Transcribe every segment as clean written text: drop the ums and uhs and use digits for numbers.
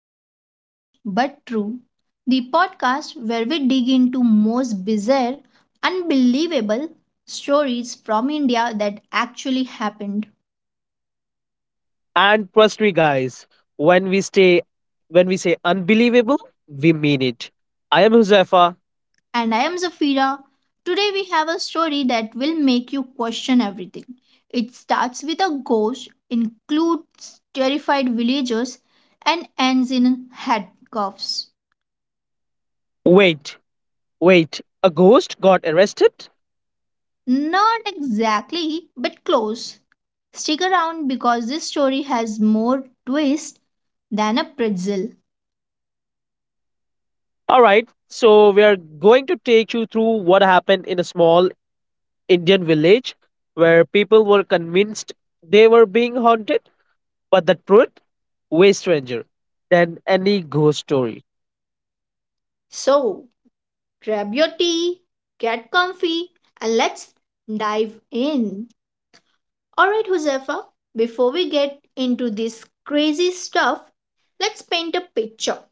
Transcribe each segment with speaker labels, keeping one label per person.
Speaker 1: to Strange But True, the podcast where we dig into most bizarre, unbelievable stories from India that actually happened.
Speaker 2: And trust me, guys, when we stay, when we say unbelievable, we mean it. I am Huzefa.
Speaker 1: And I am Zafira. Today, we have a story that will make you question everything. It starts with a ghost, includes terrified villagers, and ends in handcuffs.
Speaker 2: Wait, wait, a ghost got arrested?
Speaker 1: Not exactly, but close. Stick around because this story has more twist than a pretzel.
Speaker 2: All right, so we are going to take you through what happened in a small Indian village where people were convinced they were being haunted, but the truth way stranger than any ghost story.
Speaker 1: So, grab your tea, get comfy, and let's dive in. Alright, Josefa, before we get into this crazy stuff, let's paint a picture.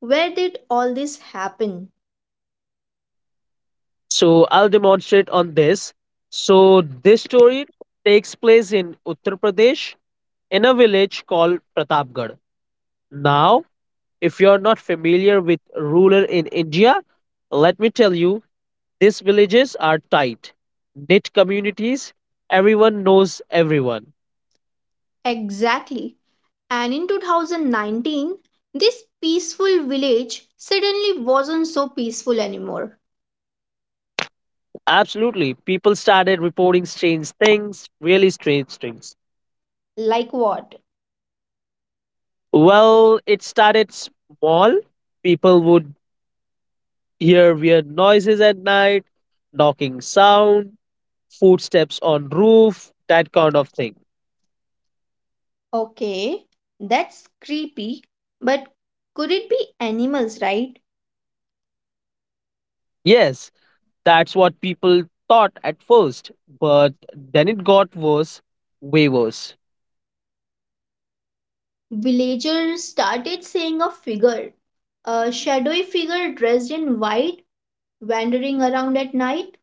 Speaker 1: Where did all this happen?
Speaker 2: So I'll demonstrate on this. So this story takes place in Uttar Pradesh in a village called Pratapgarh. Now, if you're not familiar with rural in India, let me tell you, these villages are tight, knit communities. Everyone knows everyone.
Speaker 1: Exactly. And in 2019, this peaceful village suddenly wasn't so peaceful anymore.
Speaker 2: Absolutely. People started reporting strange things, really strange things.
Speaker 1: Like what?
Speaker 2: Well, it started small. People would hear weird noises at night, knocking sound, footsteps on roof, that kind of thing.
Speaker 1: Okay, that's creepy. But could it be animals, right?
Speaker 2: Yes, that's what people thought at first, but then it got worse, way worse.
Speaker 1: Villagers started seeing a figure, a shadowy figure dressed in white, wandering around at night.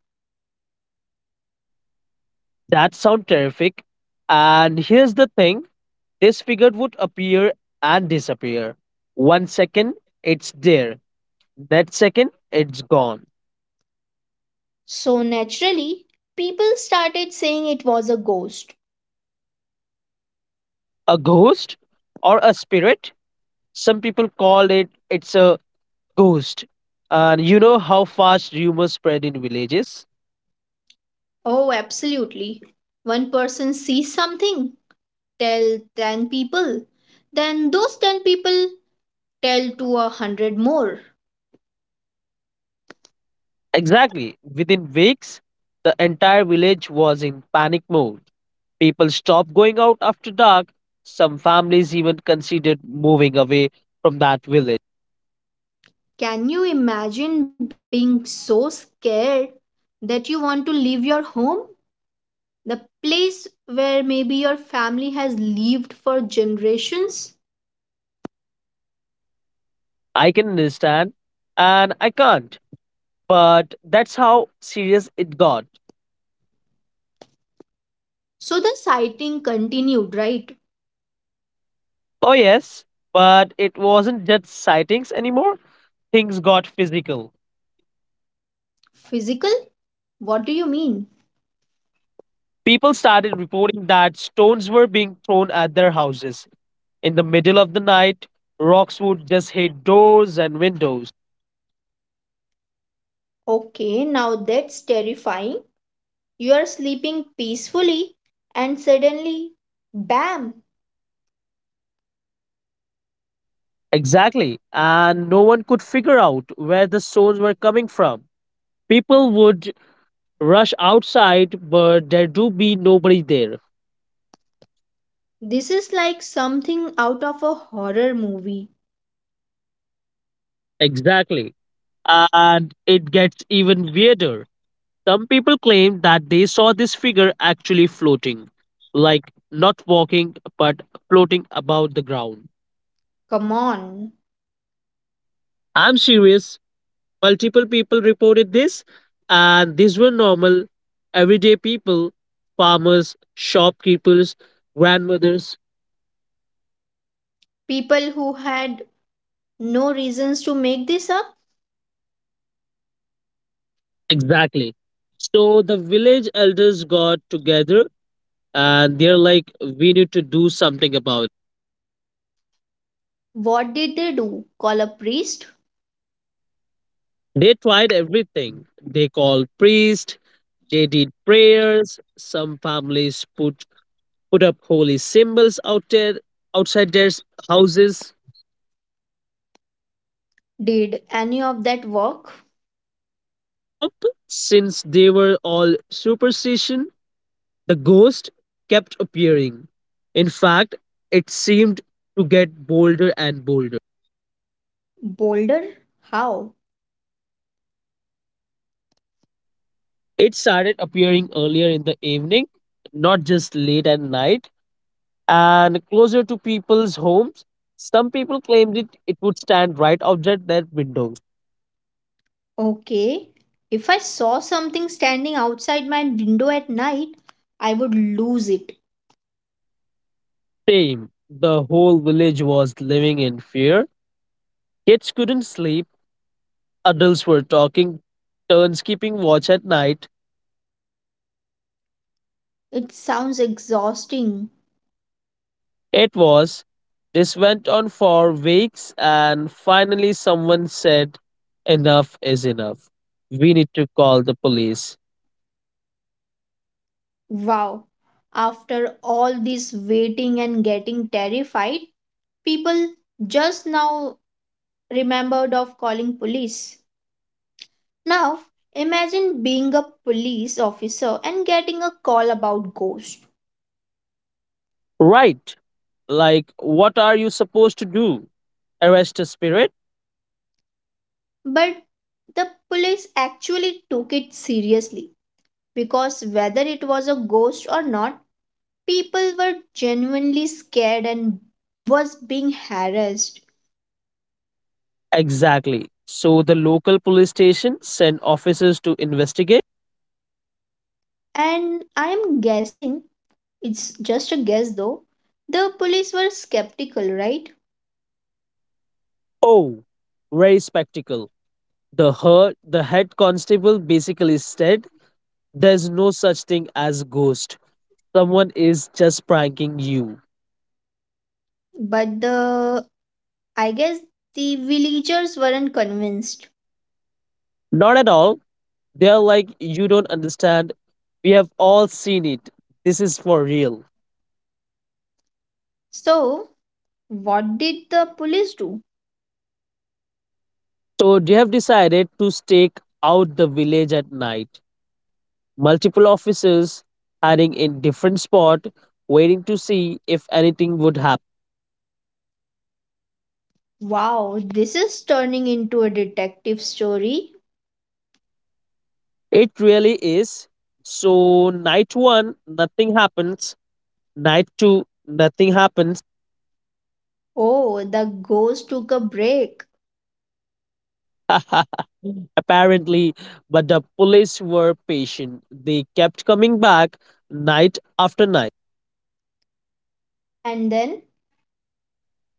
Speaker 2: That sound terrific. And here's the thing, this figure would appear and disappear. One second, it's there. Next second, it's gone.
Speaker 1: So naturally, people started saying it was a ghost.
Speaker 2: A ghost or a spirit? Some people call it it's a Ghost. And you know how fast rumors spread in villages?
Speaker 1: Oh, absolutely. One person sees something, tell 10 people. Then those 10 people tell to a 100 more.
Speaker 2: Exactly. Within weeks, the entire village was in panic mode. People stopped going out after dark. Some families even considered moving away from that village.
Speaker 1: Can you imagine being so scared that you want to leave your home? The place where maybe your family has lived for generations?
Speaker 2: I can understand, and I can't. But that's how serious it got.
Speaker 1: So the sighting continued, right?
Speaker 2: Oh, yes, but it wasn't just sightings anymore. Things got physical.
Speaker 1: Physical? What do you mean?
Speaker 2: People started reporting that stones were being thrown at their houses, in the middle of the night, rocks would just hit doors and windows.
Speaker 1: Okay, now that's terrifying. You are sleeping peacefully and suddenly, bam!
Speaker 2: Exactly. And no one could figure out where the stones were coming from. People would rush outside, but there do be nobody there.
Speaker 1: This is like something out of a horror movie.
Speaker 2: Exactly. And it gets even weirder. Some people claim that they saw this figure actually floating, like not walking, but floating above the ground.
Speaker 1: Come on.
Speaker 2: I'm serious. Multiple people reported this, and these were normal, everyday people, farmers, shopkeepers, grandmothers.
Speaker 1: People who had no reasons to make this up.
Speaker 2: Exactly. So the village elders got together and they're like, we need to do something about it.
Speaker 1: What did they do? Call a priest?
Speaker 2: They tried everything. They called priests, they did prayers, some families put up holy symbols out there outside their houses.
Speaker 1: Did any of that work?
Speaker 2: Nope, since they were all superstition, the ghost kept appearing. In fact, it seemed to get bolder and bolder.
Speaker 1: Boulder? How?
Speaker 2: It started appearing earlier in the evening, not just late at night, and closer to people's homes. Some people claimed it would stand right outside their window.
Speaker 1: Okay. If I saw something standing outside my window at night, I would lose it.
Speaker 2: Same. The whole village was living in fear. Kids couldn't sleep, adults were talking, turns keeping watch at night.
Speaker 1: It sounds exhausting.
Speaker 2: It was. This went on for weeks, and finally, someone said, enough is enough. We need to call the police.
Speaker 1: Wow. After all this waiting and getting terrified, people just now remembered of calling police. Now, imagine being a police officer and getting a call about ghosts.
Speaker 2: Right. Like, what are you supposed to do? Arrest a spirit?
Speaker 1: But the police actually took it seriously because whether it was a ghost or not, people were genuinely scared and was being harassed.
Speaker 2: Exactly. So the local police station sent officers to investigate.
Speaker 1: And I am guessing, it's just a guess though, the police were skeptical, right?
Speaker 2: Oh, very spectacle. The head constable basically said there's no such thing as ghost. Someone is just pranking you.
Speaker 1: But the I guess the villagers weren't convinced.
Speaker 2: Not at all. They're like, you don't understand. We have all seen it. This is for real.
Speaker 1: So, what did the police do?
Speaker 2: So they have decided to stake out the village at night. Multiple officers hiding in different spot, waiting to see if anything would happen.
Speaker 1: Wow, this is turning into a detective story.
Speaker 2: It really is. So night one, nothing happens. Night two, nothing happens.
Speaker 1: Oh, the ghost took a break.
Speaker 2: Apparently, but the police were patient. They kept coming back night after night.
Speaker 1: And then,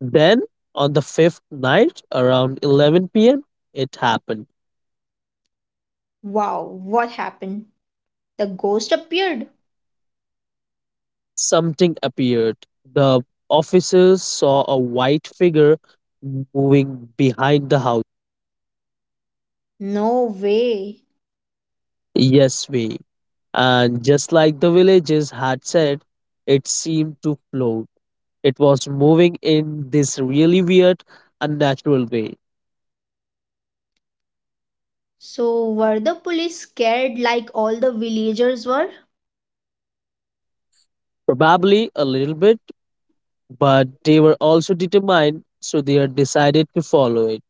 Speaker 2: Then, on the fifth night, around 11 p.m., it happened.
Speaker 1: wow, what happened? The ghost appeared.
Speaker 2: Something appeared. The officers saw a white figure moving behind the house.
Speaker 1: No way.
Speaker 2: Yes, we. And just like the villagers had said, it seemed to float. It was moving in this really weird, unnatural way.
Speaker 1: So, were the police scared like all the villagers were?
Speaker 2: Probably a little bit, but they were also determined, so they had decided to follow it.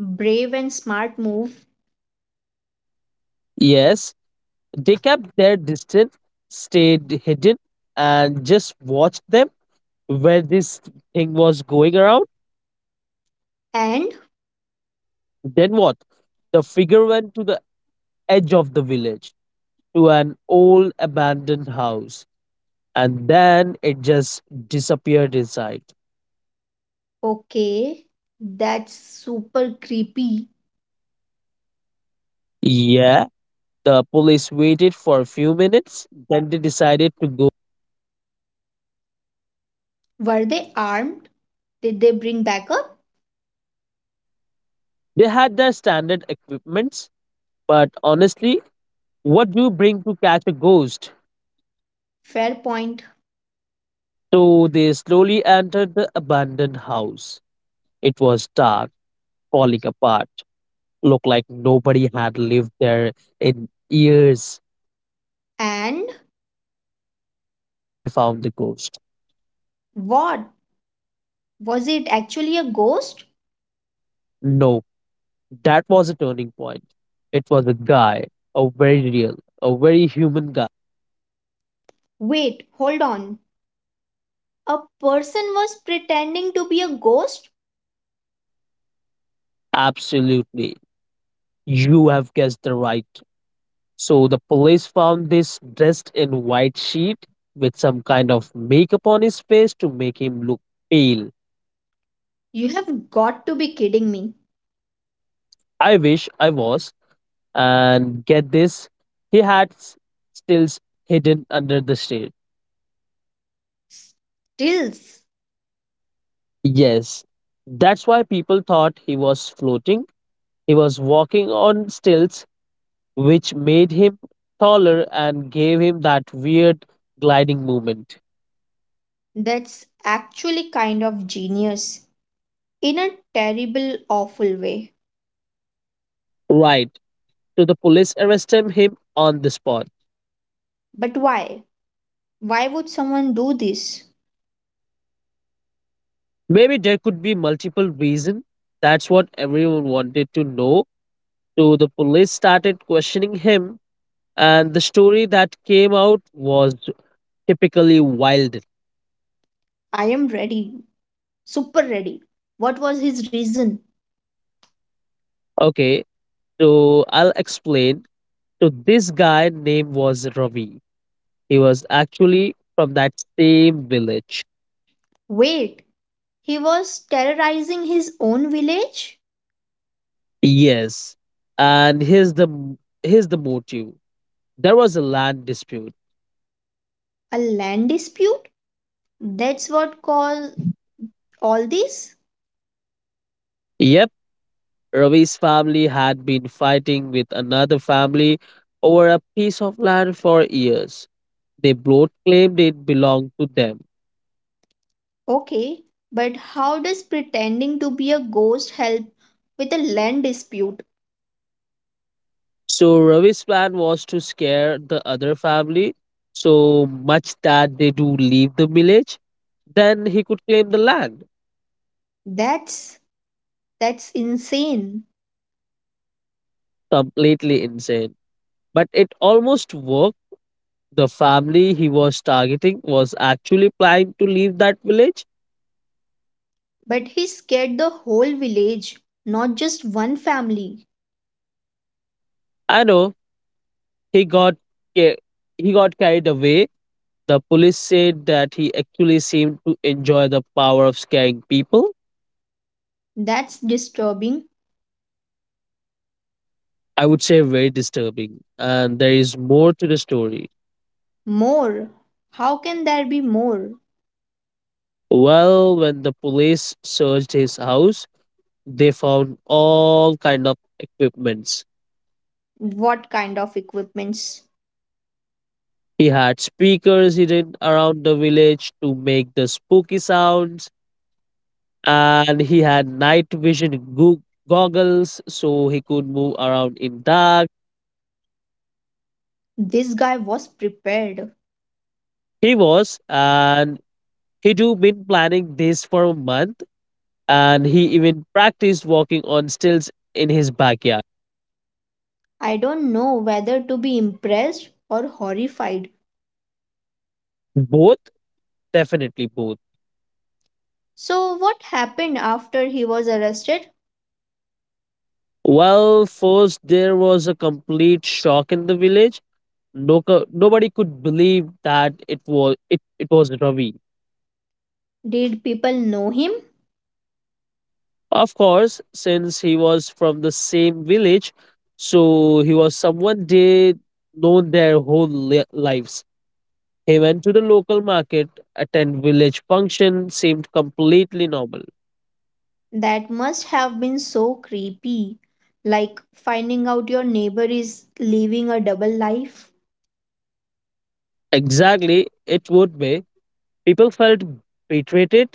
Speaker 1: Brave and smart move.
Speaker 2: Yes, they kept their distance, stayed hidden, and just watched them where this thing was going around.
Speaker 1: And,
Speaker 2: Then what? The figure went to the edge of the village to an old abandoned house, and then it just disappeared inside.
Speaker 1: okay, that's super creepy.
Speaker 2: Yeah, the police waited for a few minutes, then they decided to go.
Speaker 1: Were they armed? Did they bring backup?
Speaker 2: They had their standard equipments, but honestly, what do you bring to catch a ghost?
Speaker 1: Fair point.
Speaker 2: So they slowly entered the abandoned house. It was dark, falling apart, looked like nobody had lived there in years.
Speaker 1: And
Speaker 2: They found the ghost.
Speaker 1: what? Was it actually a ghost?
Speaker 2: No, that was a turning point. It was a guy, a very real, a very human guy.
Speaker 1: Wait, hold on. A person was pretending to be a ghost?
Speaker 2: Absolutely. You have guessed the right. So the police found this dressed in white sheet with some kind of makeup on his face to make him look pale.
Speaker 1: You have got to be kidding me.
Speaker 2: I wish I was. And get this, he had stills hidden under the shade.
Speaker 1: Stills,
Speaker 2: Yes, that's why people thought he was floating. He was walking on stilts, which made him taller and gave him that weird gliding movement.
Speaker 1: that's actually kind of genius in a terrible, awful way.
Speaker 2: Right. So the police arrested him on the spot.
Speaker 1: But why? Why would someone do this?
Speaker 2: Maybe there could be multiple reasons. That's what everyone wanted to know. So the police started questioning him, and the story that came out was typically wild.
Speaker 1: I am ready, super ready. What was his reason?
Speaker 2: Okay, so I'll explain. So this guy name was Ravi. He was actually from that same village.
Speaker 1: Wait, he was terrorizing his own village?
Speaker 2: Yes, and here's the motive. There was a land dispute.
Speaker 1: A land dispute? That's what caused all this?
Speaker 2: Yep, Ravi's family had been fighting with another family over a piece of land for years. They both claimed it belonged to them.
Speaker 1: Okay, but how does pretending to be a ghost help with a land dispute?
Speaker 2: So Ravi's plan was to scare the other family so much that they do leave the village. Then he could claim the land.
Speaker 1: That's that's insane.
Speaker 2: Completely insane. But it almost worked. The family he was targeting was actually planning to leave that village.
Speaker 1: But he scared the whole village, not just one family.
Speaker 2: I know he got ca- he got carried away. The police said that he actually seemed to enjoy the power of scaring people.
Speaker 1: That's disturbing.
Speaker 2: I would say very disturbing. And there is more to the story.
Speaker 1: More. How can there be more?
Speaker 2: Well, when the police searched his house, they found all kind of equipments.
Speaker 1: What kind of equipments?
Speaker 2: He had speakers hidden around the village to make the spooky sounds, and he had night vision goo goggles so he could move around in dark.
Speaker 1: This guy was prepared.
Speaker 2: He was, and he too been planning this for a month, and he even practiced walking on stilts in his backyard.
Speaker 1: I don't know whether to be impressed or horrified.
Speaker 2: Both, definitely both.
Speaker 1: So what happened after he was arrested?
Speaker 2: Well, first there was a complete shock in the village. No, nobody could believe that it was Ravi.
Speaker 1: Did people know him?
Speaker 2: Of course, since he was from the same village, so he was someone they known their whole lives. He went to the local market, attend village function, seemed completely normal.
Speaker 1: That must have been so creepy. Like finding out your neighbor is living a double life.
Speaker 2: Exactly, it would be. People felt betrayed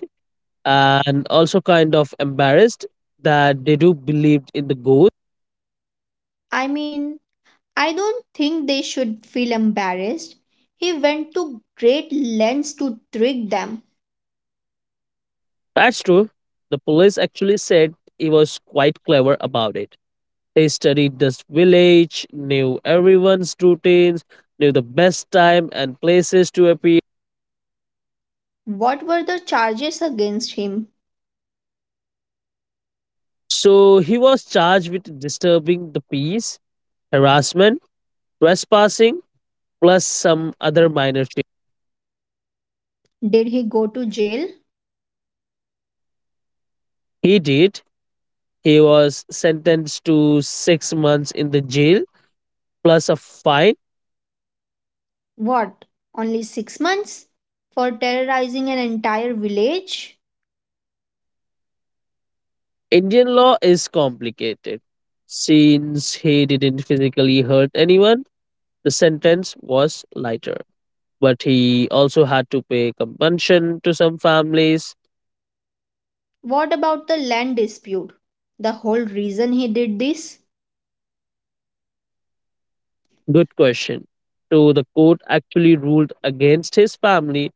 Speaker 2: and also kind of embarrassed that they do believed in the ghost.
Speaker 1: I mean, I don't think they should feel embarrassed. He went to great lengths to trick them.
Speaker 2: That's true. The police actually said he was quite clever about it. He studied this village, knew everyone's routines, knew the best time and places to appear.
Speaker 1: What were the charges against him?
Speaker 2: So he was charged with disturbing the peace, harassment, trespassing, plus some other minor.
Speaker 1: Did he go to jail?
Speaker 2: He did. He was sentenced to 6 months in the jail plus a fine.
Speaker 1: What? Only 6 months? For terrorizing an entire village?
Speaker 2: Indian law is complicated. Since he didn't physically hurt anyone, the sentence was lighter. But he also had to pay compensation to some families.
Speaker 1: What about the land dispute? The whole reason he did this?
Speaker 2: Good question. So the court actually ruled against his family.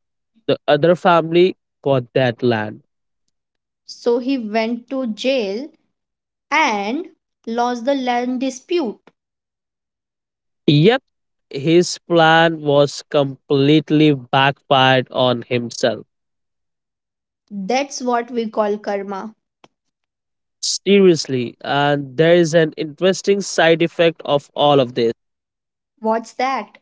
Speaker 2: The other family got that land.
Speaker 1: So he went to jail and lost the land dispute.
Speaker 2: Yep, his plan was completely backfired on himself.
Speaker 1: That's what we call karma.
Speaker 2: Seriously, and there is an interesting side effect of all of this.
Speaker 1: What's that?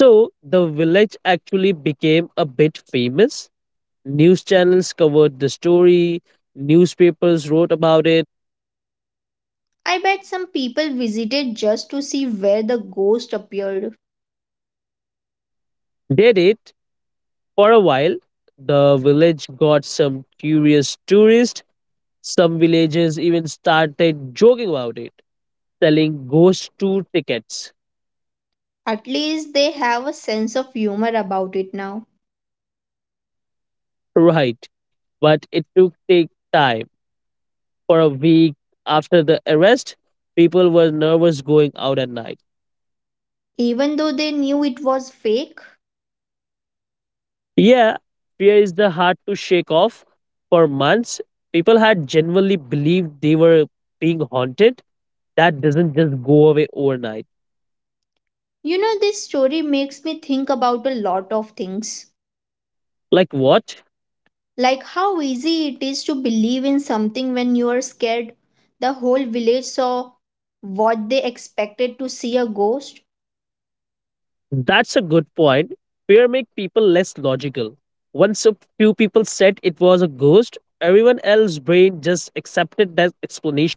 Speaker 2: So the village actually became a bit famous. News channels covered the story, newspapers wrote about it.
Speaker 1: I bet some people visited just to see where the ghost appeared.
Speaker 2: Did it for a while. The village got some curious tourists. Some villagers even started joking about it, selling ghost tour tickets.
Speaker 1: At least they have a sense of humor about it now,
Speaker 2: Right. But it took take time. For a week after the arrest, people were nervous going out at night.
Speaker 1: even though they knew it was fake.
Speaker 2: Yeah, fear is the hard to shake off. For months, people had genuinely believed they were being haunted. That doesn't just go away overnight.
Speaker 1: You know, this story makes me think about a lot of things.
Speaker 2: Like what?
Speaker 1: Like how easy it is to believe in something when you are scared. The whole village saw what they expected to see a ghost.
Speaker 2: That's a good point. Fear makes people less logical. Once a few people said it was a ghost, everyone else's brain just accepted that explanation.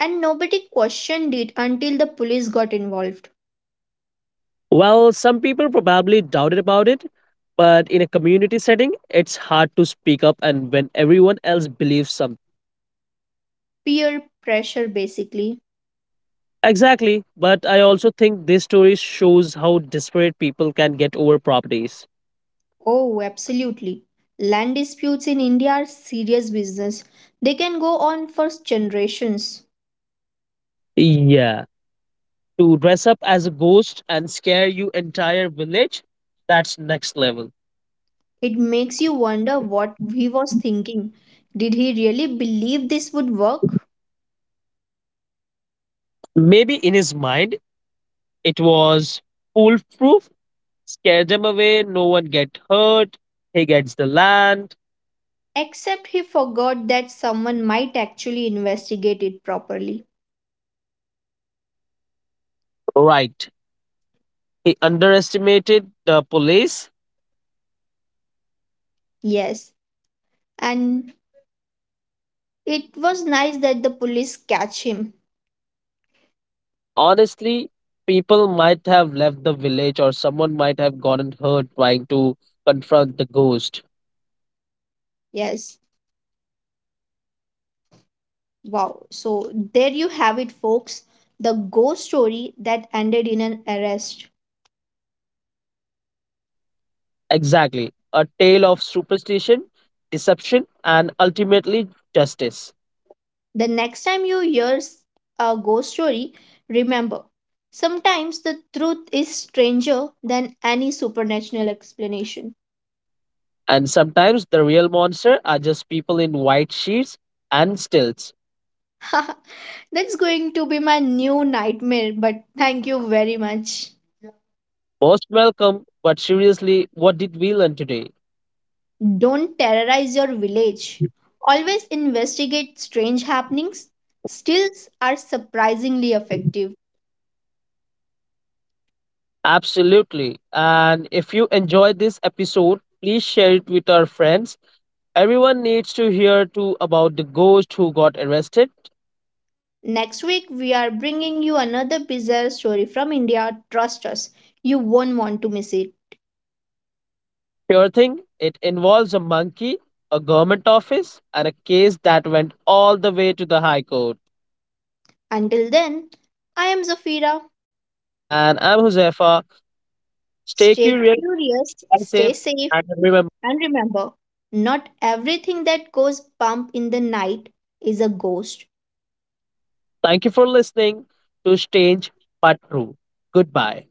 Speaker 1: And nobody questioned it until the police got involved.
Speaker 2: Well, some people probably doubted about it, but in a community setting, it's hard to speak up and when everyone else believes something.
Speaker 1: Peer pressure, basically.
Speaker 2: Exactly, but I also think this story shows how desperate people can get over properties.
Speaker 1: Oh, absolutely. Land disputes in India are serious business. They can go on for generations.
Speaker 2: Yeah, to dress up as a ghost and scare you entire village, that's next level.
Speaker 1: It makes you wonder what he was thinking. Did he really believe this would work?
Speaker 2: Maybe in his mind it was foolproof, scare them away, no one get hurt, he gets the land.
Speaker 1: Except he forgot that someone might actually investigate it properly.
Speaker 2: Right. He underestimated the police.
Speaker 1: Yes, and it was nice that the police catch him.
Speaker 2: Honestly, people might have left the village or someone might have gotten hurt trying to confront the ghost.
Speaker 1: Yes. Wow. So there you have it, folks. The ghost story that ended in an arrest.
Speaker 2: Exactly. A tale of superstition, deception, and ultimately justice.
Speaker 1: The next time you hear a ghost story, remember sometimes the truth is stranger than any supernatural explanation.
Speaker 2: And sometimes the real monster are just people in white sheets and stilts.
Speaker 1: That's going to be my new nightmare, but thank you very much.
Speaker 2: Most welcome, but seriously, what did we learn today?
Speaker 1: Don't terrorize your village. Always investigate strange happenings. Stills are surprisingly effective.
Speaker 2: Absolutely. And if you enjoyed this episode, please share it with our friends. Everyone needs to hear too about the ghost who got arrested.
Speaker 1: Next week, we are bringing you another bizarre story from India. Trust us, you won't want to miss it.
Speaker 2: Sure thing, it involves a monkey, a government office, and a case that went all the way to the High Court.
Speaker 1: Until then, I am Zafira.
Speaker 2: And I'm Josefa. Stay
Speaker 1: Stay
Speaker 2: curious,
Speaker 1: curious,
Speaker 2: and safe,
Speaker 1: stay safe,
Speaker 2: and remember,
Speaker 1: and remember not everything that goes bump in the night is a ghost.
Speaker 2: thank you for listening to Strange But True. Goodbye.